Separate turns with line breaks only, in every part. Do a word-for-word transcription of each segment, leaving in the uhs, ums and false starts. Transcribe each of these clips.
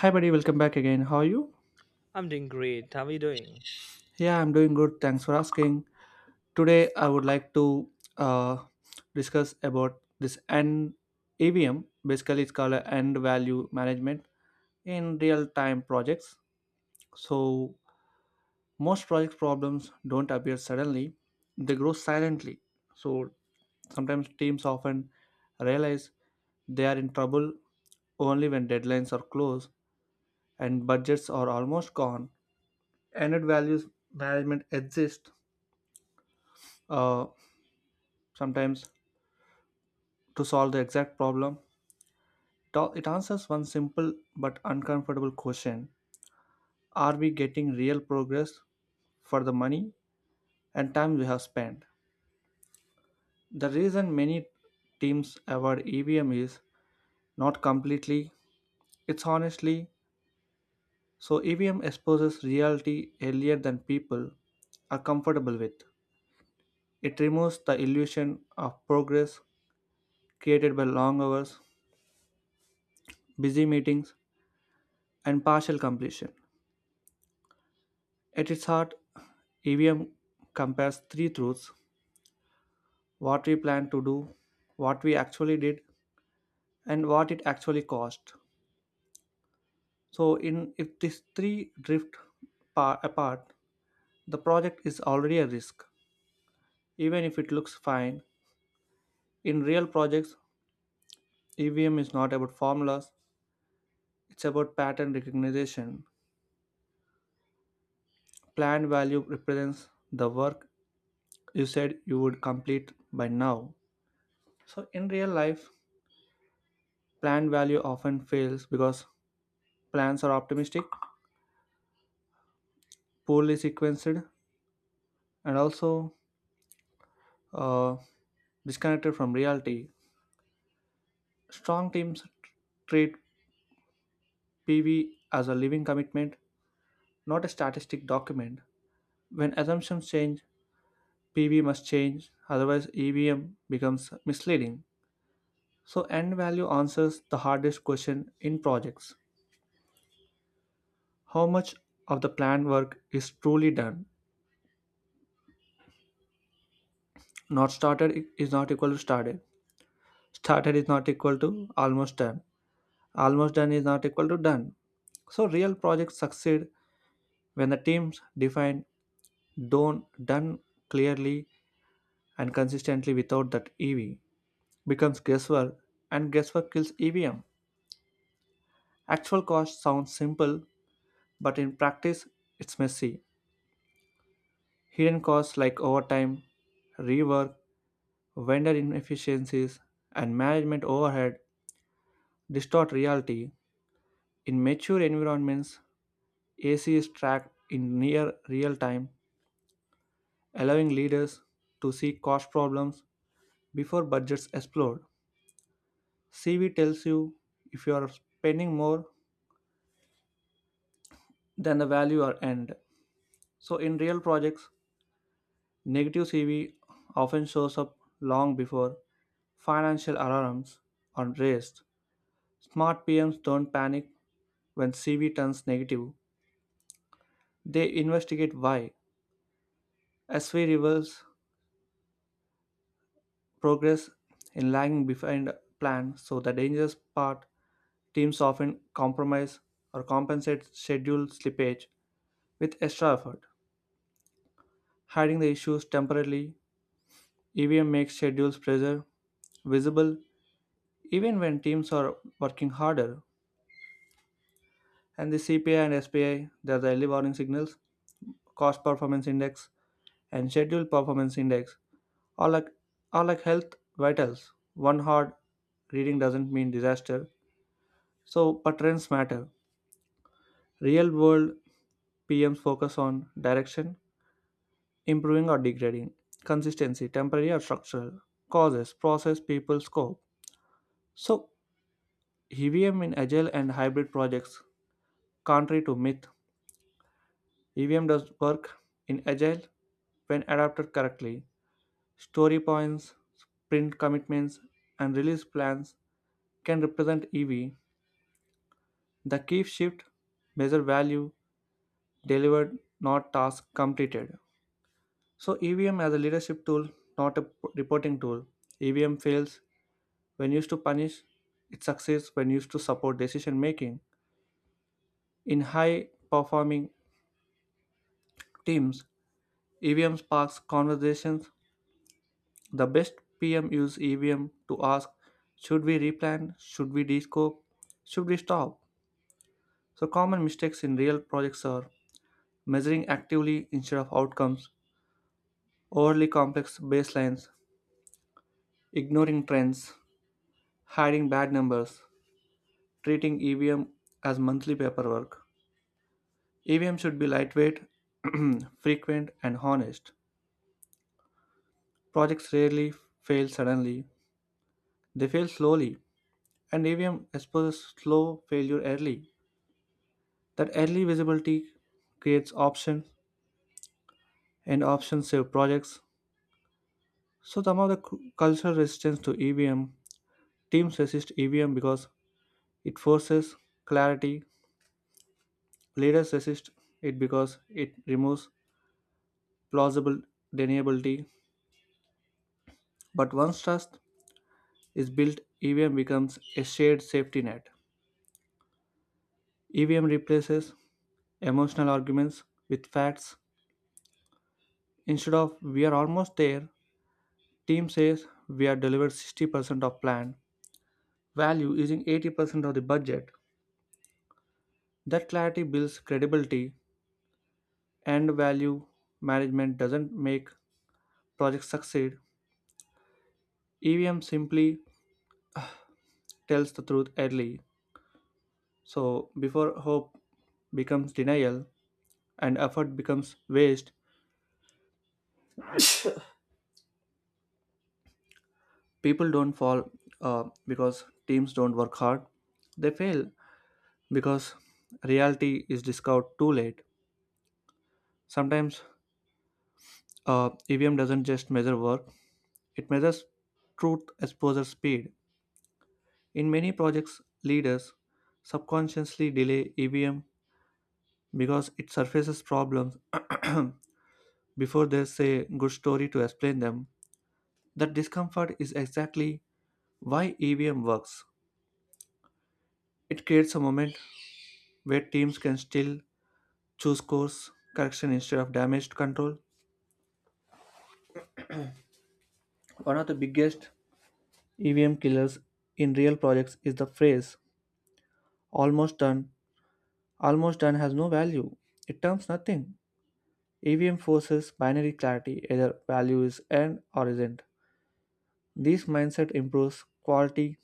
Hi, buddy, welcome back again. How are you?
I'm doing great. How are you doing?
Yeah, I'm doing good. Thanks for asking. Today, I would like to uh, discuss about this N A V M. Basically, it's called a end value management in real time projects. So, most project problems don't appear suddenly, they grow silently. So, sometimes teams often realize they are in trouble only when deadlines are close and budgets are almost gone. Ended values management exists, uh, sometimes, to solve the exact problem. Ta- It answers one simple but uncomfortable question. Are we getting real progress for the money and time we have spent? The reason many teams avoid E V M is not completely, it's honestly. So, E V M exposes reality earlier than people are comfortable with. It removes the illusion of progress created by long hours, busy meetings, and partial completion. At its heart, E V M compares three truths: what we plan to do, what we actually did, and what it actually cost. So, in if these three drift pa- apart, the project is already a risk, even if it looks fine. In real projects, E V M is not about formulas, it's about pattern recognition. Planned value represents the work you said you would complete by now. So, in real life, plan value often fails because plans are optimistic, poorly sequenced, and also, uh, disconnected from reality. Strong teams treat P V as a living commitment, not a statistic document. When assumptions change, P V must change; otherwise, E V M becomes misleading. So, end value answers the hardest question in projects: how much of the planned work is truly done? Not started is not equal to started. Started is not equal to almost done. Almost done is not equal to done. So real projects succeed when the teams define done done clearly and consistently. Without that, EV becomes guesswork, and guesswork kills EVM. Actual cost sounds simple, but in practice it's messy. Hidden costs like overtime, rework, vendor inefficiencies, and management overhead distort reality. In mature environments, A C is tracked in near real time, allowing leaders to see cost problems before budgets explode. C V tells you if you are spending more than the value or end. So, in real projects, negative C V often shows up long before financial alarms are raised. Smart P Ms don't panic when C V turns negative, they investigate why. S V reveals progress in lagging behind plan. So, the dangerous part: teams often compromise or compensate schedule slippage with extra effort, hiding the issues temporarily. E V M makes schedules pressure visible even when teams are working harder. And the C P I and S P I, they are the early warning signals. Cost performance index and schedule performance index are like, are like health vitals. One hard reading doesn't mean disaster. So, but trends matter. Real world P Ms focus on direction, improving or degrading; consistency, temporary or structural; causes, process, people, scope. So, E V M in agile and hybrid projects: contrary to myth, E V M does work in agile when adapted correctly. Story points, sprint commitments, and release plans can represent E V. The key shift: measure value delivered, not task completed. So, E V M as a leadership tool, not a p- reporting tool. E V M fails when used to punish; it succeeds when used to support decision making. In high performing teams, E V M sparks conversations. The best P M use E V M to ask: should we replan, should we descope, should we stop? So, common mistakes in real projects are measuring actively instead of outcomes, overly complex baselines, ignoring trends, hiding bad numbers, treating E V M as monthly paperwork. E V M should be lightweight, frequent, and honest. Projects rarely fail suddenly, they fail slowly, and E V M exposes slow failure early. That early visibility creates options, and options save projects. So, some of the cu- cultural resistance to E V M: teams resist E V M because it forces clarity, leaders resist it because it removes plausible deniability. But once trust is built, E V M becomes a shared safety net. E V M replaces emotional arguments with facts. Instead of "we are almost there," team says we have delivered sixty percent of plan value using eighty percent of the budget. That clarity builds credibility, and value management doesn't make projects succeed. E V M simply tells the truth early, so before hope becomes denial and effort becomes waste. People don't fall, uh, because teams don't work hard. They fail because reality is discovered too late. Sometimes, uh, E V M doesn't just measure work, it measures truth exposure speed. In many projects, leaders subconsciously delay E V M because it surfaces problems before there's a good story to explain them. That discomfort is exactly why E V M works. It creates a moment where teams can still choose course correction instead of damage control. One of the biggest E V M killers in real projects is the phrase "almost done." Almost done has no value. It terms nothing. E V M forces binary clarity: either value is and or isn't. This mindset improves quality,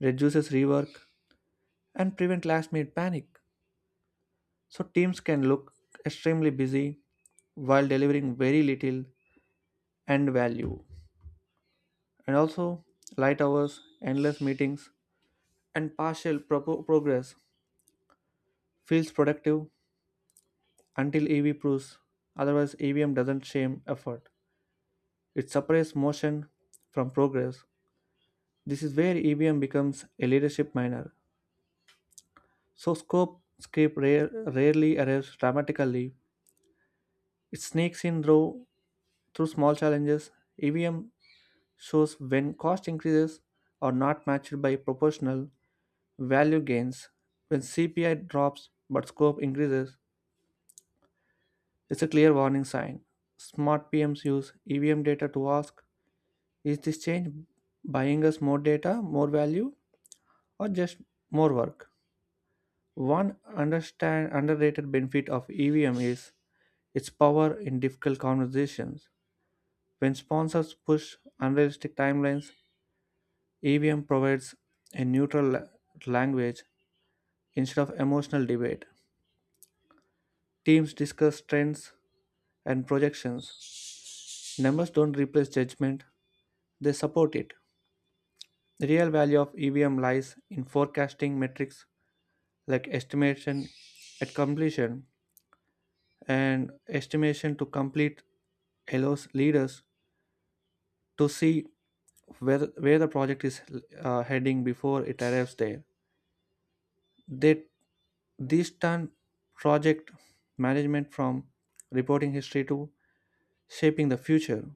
reduces rework, and prevent last minute panic. So teams can look extremely busy while delivering very little end value. And also light hours, endless meetings, and partial pro- progress feels productive until E V proves otherwise. E V M doesn't shame effort. It separates motion from progress. This is where E V M becomes a leadership minor. So scope creep rare, rarely arrives dramatically. It sneaks in through, through small challenges. E V M shows when cost increases are not matched by proportional value gains. When C P I drops but scope increases, it's a clear warning sign. Smart P Ms use E V M data to ask: is this change buying us more data, more value, or just more work? One understand underrated benefit of E V M is its power in difficult conversations. When sponsors push unrealistic timelines, E V M provides a neutral la- language instead of emotional debate. Teams discuss trends and projections. Numbers don't replace judgment, they support it. The real value of E V M lies in forecasting metrics like estimation at completion and estimation to complete, allows leaders to see where where the project is uh, heading before it arrives there. They This turn project management from reporting history to shaping the future.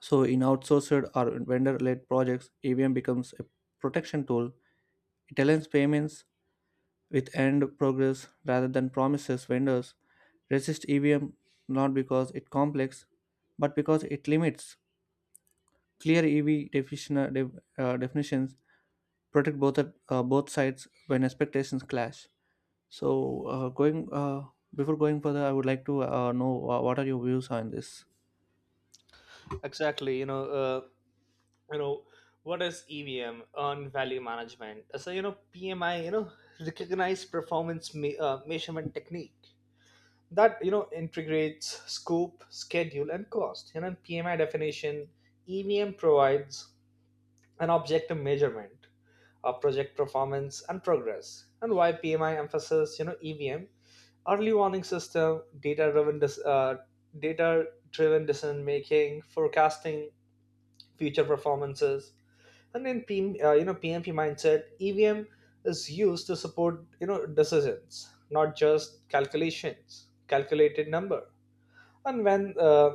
So in outsourced or vendor led projects, EVM becomes a protection tool. It aligns payments with end progress rather than promises. Vendors resist EVM not because it complex, but because it limits clear EV definition. Def- uh, definitions protect both at- uh, both sides when expectations clash. So, uh, going uh, before going further, I would like to uh, know, uh, what are your views on this?
Exactly. You know, uh, you know what is EVM, earned value management. So you know P M I, you know recognized performance me- uh, measurement technique that you know integrates scope, schedule, and cost. You know in P M I definition, E V M provides an objective measurement of project performance and progress. And why P M I emphasizes, you know E V M: early warning system, data driven, dis- uh, data driven decision making, forecasting future performances. And in P uh, you know P M P mindset, E V M is used to support, you know decisions, not just calculations, calculated number. And when uh,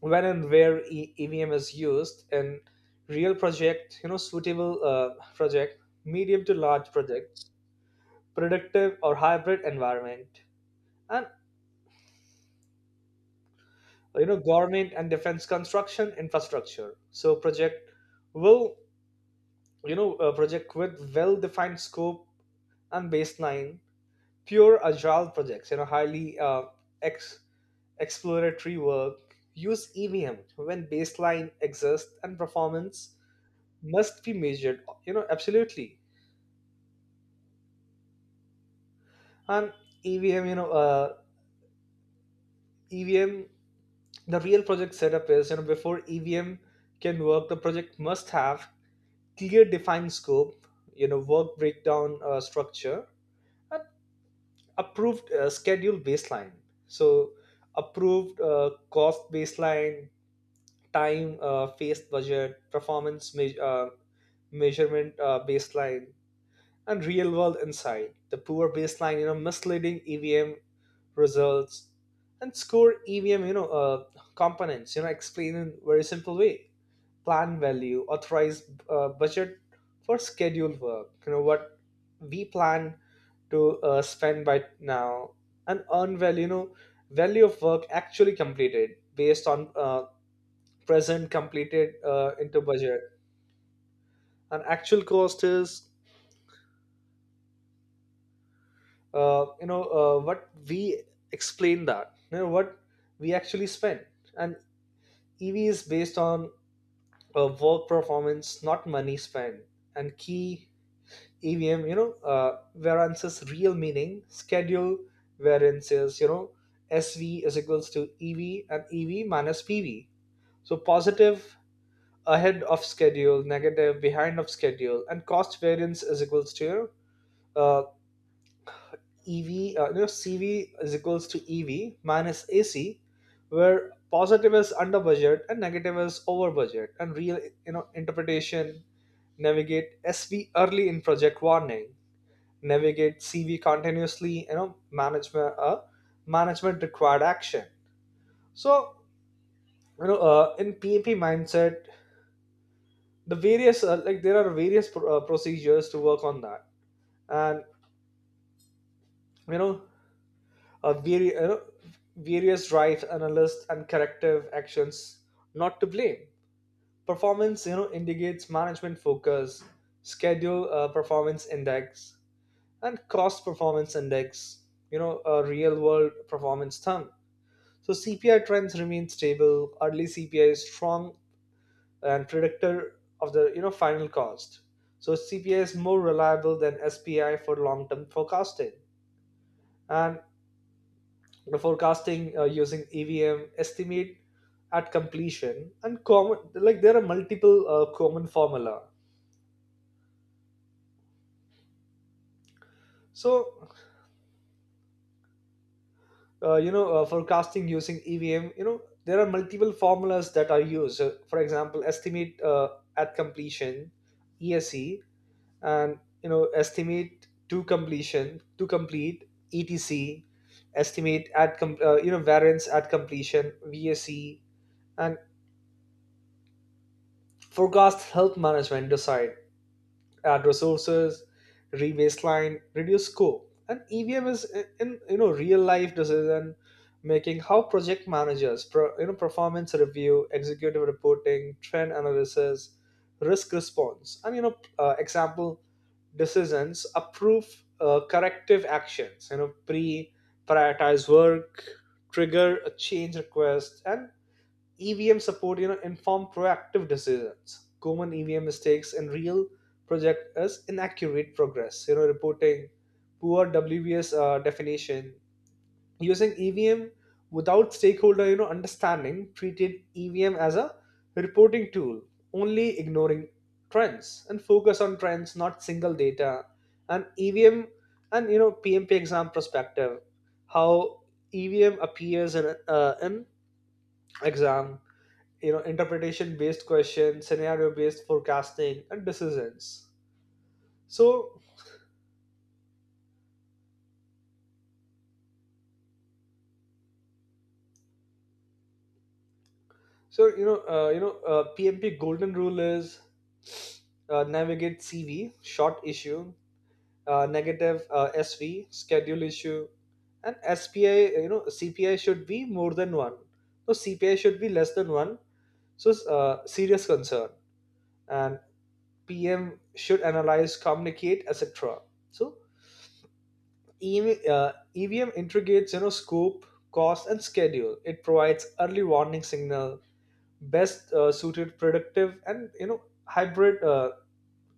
when and where e- EVM is used in real project, you know suitable uh, project, medium to large projects, productive or hybrid environment, and you know government and defense, construction, infrastructure. So project will you know uh, project with well defined scope and baseline. Pure agile projects, you know highly uh, ex- exploratory work. Use E V M when baseline exists and performance must be measured, you know absolutely. And evm you know uh, E V M, the real project setup is, you know before E V M can work the project must have clear defined scope, you know work breakdown uh, structure, and approved uh, schedule baseline. So approved uh, cost baseline, time uh, face budget, performance me- uh, measurement uh, baseline. And real world insight, the poor baseline, you know misleading E V M results. And score E V M, you know uh, components, you know explain in very simple way. Plan value, authorized uh, budget for scheduled work, you know what we plan to uh, spend by now. And earn value, you know value of work actually completed, based on uh, present completed uh, into budget. And actual cost is uh, you know uh, what we explain that you know what we actually spend. And EV is based on uh, work performance, not money spent. And key EVM, you know uh, wherein says real meaning schedule, wherein says, you know S V is equals to E V, and EV minus P V. So positive ahead of schedule, negative behind of schedule. And cost variance is equals to uh, E V, uh, you know, CV is equals to E V minus A C, where positive is under budget and negative is over budget. And real, you know, interpretation, navigate S V early in project warning, navigate C V continuously, you know, management, uh, management required action. So, you know, uh, in P M P mindset, the various uh, like there are various pro- uh, procedures to work on that, and you know uh, vari- uh, various rights analysts and corrective actions, not to blame performance, you know indicates management focus. Schedule uh, performance index and cost performance index, you know a real world performance term. So C P I trends remain stable early, C P I is strong and predictor of the, you know final cost. So CPI is more reliable than S P I for long term forecasting. And You know, forecasting uh, using E V M, estimate at completion, and common, like there are multiple uh, common formula. So uh, you know uh, forecasting using E V M, you know there are multiple formulas that are used. So, for example, estimate uh, at completion, E S E, and you know estimate to completion, to complete, E T C, estimate at com- uh, you know variance at completion, V S E, and forecast health management decide, add resources, re-baseline, reduce scope. And E V M is in, in, you know real life decision making, how project managers pro, you know performance review, executive reporting, trend analysis, risk response, and you know uh, example decisions, approve uh, corrective actions. You know pre Prioritize work, trigger a change request, and E V M support, you know, inform proactive decisions. Common E V M mistakes in real project is inaccurate progress, you know, reporting, poor W B S uh, definition. Using E V M without stakeholder, you know, understanding, treated E V M as a reporting tool only, ignoring trends and focus on trends, not single data. And E V M and, you know P M P exam perspective, how E V M appears in uh, in exam, you know interpretation based questions, scenario based forecasting and decisions. So so you know uh, you know uh, PMP golden rule is, uh, navigate CV short issue, uh, negative uh, S V schedule issue, and S P I, you know C P I should be more than one, so CPI should be less than one, so uh, serious concern. And P M should analyze, communicate, et cetera. So E V, uh, E V M integrates, you know scope, cost, and schedule. It provides early warning signal, best uh, suited predictive and you know hybrid uh,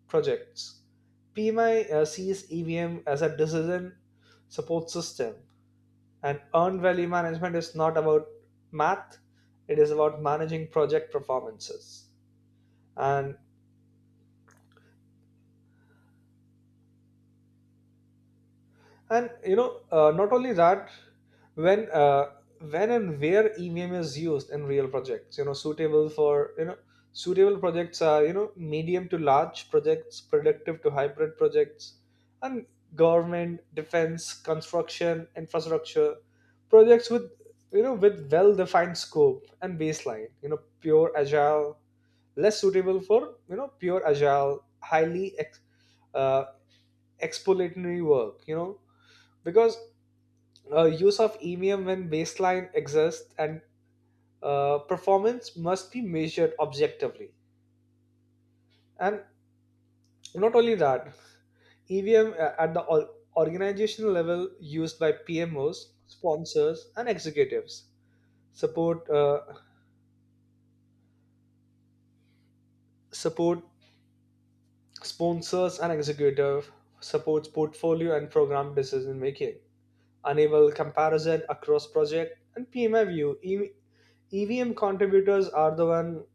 projects. P M I uh, sees E V M as a decision support system, and earned value management is not about math; it is about managing project performances. And and you know uh, not only that, when uh, when and where EVM is used in real projects, you know suitable for, you know suitable projects are, you know medium to large projects, productive to hybrid projects, and government, defense, construction, infrastructure projects with, you know with well defined scope and baseline, you know pure agile less suitable for, you know pure agile, highly ex- uh, exploratory work you know Because uh, use of E V M when baseline exists, and uh, performance must be measured objectively. And not only that, E V M at the or- organizational level, used by P M Os, sponsors, and executives, support uh, support sponsors and executive, supports portfolio and program decision making, enable comparison across project, and P M I view. E- EVM contributors are the one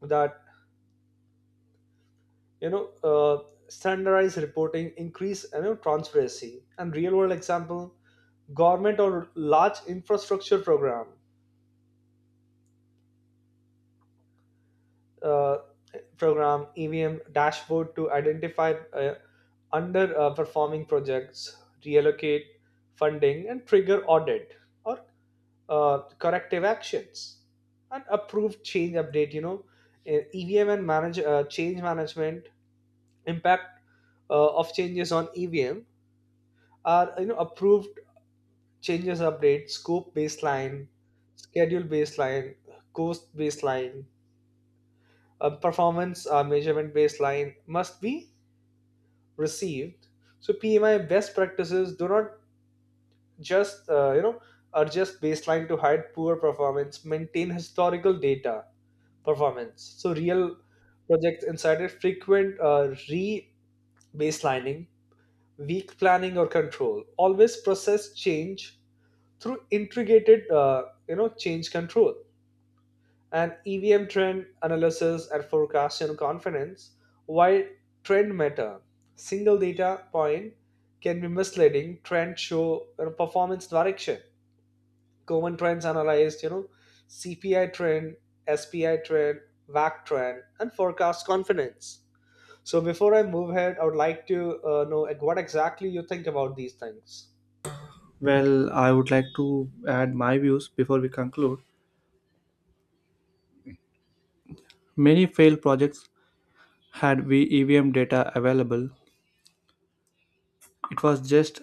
that, you know uh, standardized reporting, increase you know transparency. And real world example, government or large infrastructure program, uh, program E V M dashboard, to identify uh, underperforming projects, reallocate funding, and trigger audit or uh, corrective actions, and approve change update you know Uh, EVM and manage uh, change management impact uh, of changes on E V M are, you know approved changes update, scope baseline, schedule baseline, cost baseline, uh, performance uh, measurement baseline must be received. So P M I best practices do not just uh, you know adjust baseline to hide poor performance. Maintain historical data performance. So real projects incited frequent uh, re-baselining, weak planning or control. Always process change through integrated, uh, you know change control and E V M trend analysis and forecasting confidence. While trend matter, single data point can be misleading. Trend show, you know, performance direction. Common trends analyzed, you know, C P I trend, S P I trend, V A C trend, and forecast confidence. So before I move ahead, I would like to uh, know, like, what exactly you think about these things.
Well, I would like to add my views before we conclude. Many failed projects had EVM data available, it was just,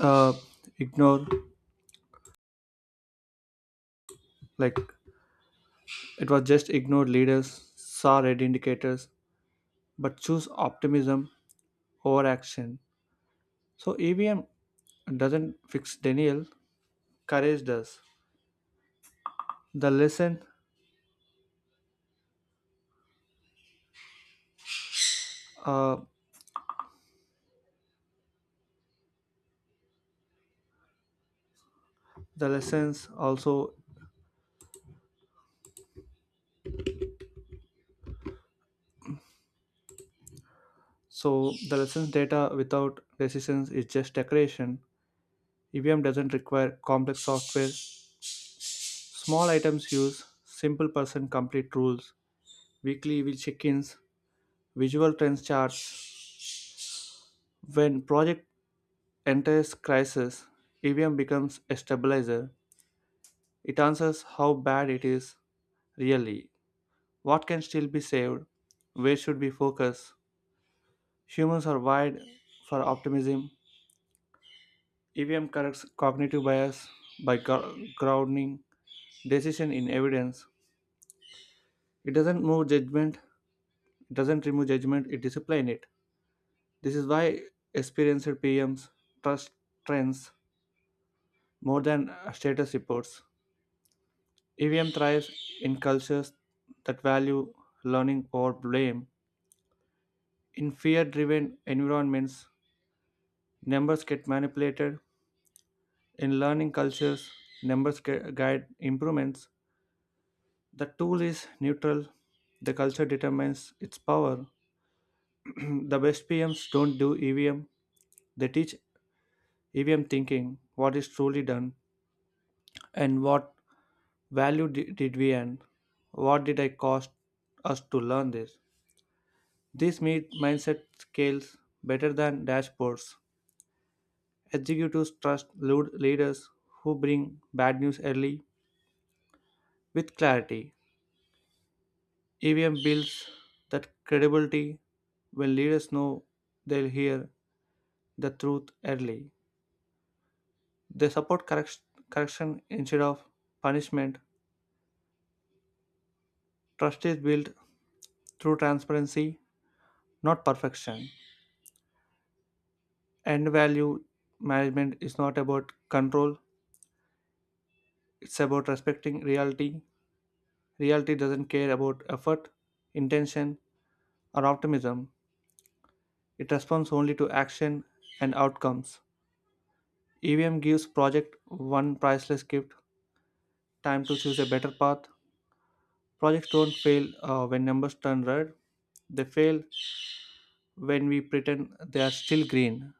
uh, ignored. Like, it was just ignored. Leaders saw red indicators but choose optimism over action. So EVM doesn't fix denial, courage does. the lesson uh, the lessons, also. So the lessons: data without decisions is just decoration. EVM doesn't require complex software. Small items use simple person complete rules, weekly will check-ins, visual trends charts. When project enters crisis, E V M becomes a stabilizer. It answers how bad it is really, what can still be saved, where should we focus. Humans are wired for optimism. E V M corrects cognitive bias by gro- grounding decision in evidence. It doesn't move judgment, it doesn't remove judgment, it disciplines it. This is why experienced P Ms trust trends more than, uh, status reports. E V M thrives in cultures that value learning over blame. In fear driven environments, numbers get manipulated. In learning cultures, numbers gu- guide improvements. The tool is neutral. The culture determines its power. The best P Ms don't do E V M, they teach E V M thinking: what is truly done and what value di- did we earn? What did I cost us to learn this? This made mindset scales better than dashboards. Executives trust lead- leaders who bring bad news early with clarity. E V M builds that credibility. When leaders know they'll hear the truth early, they support correct- correction instead of punishment. Trust is built through transparency, not perfection. End value management is not about control, it's about respecting reality. Reality doesn't care about effort, intention, or optimism. It responds only to action and outcomes. E V M gives project one priceless gift: time to choose a better path. Projects don't fail, uh, when numbers turn red, they fail when we pretend they are still green.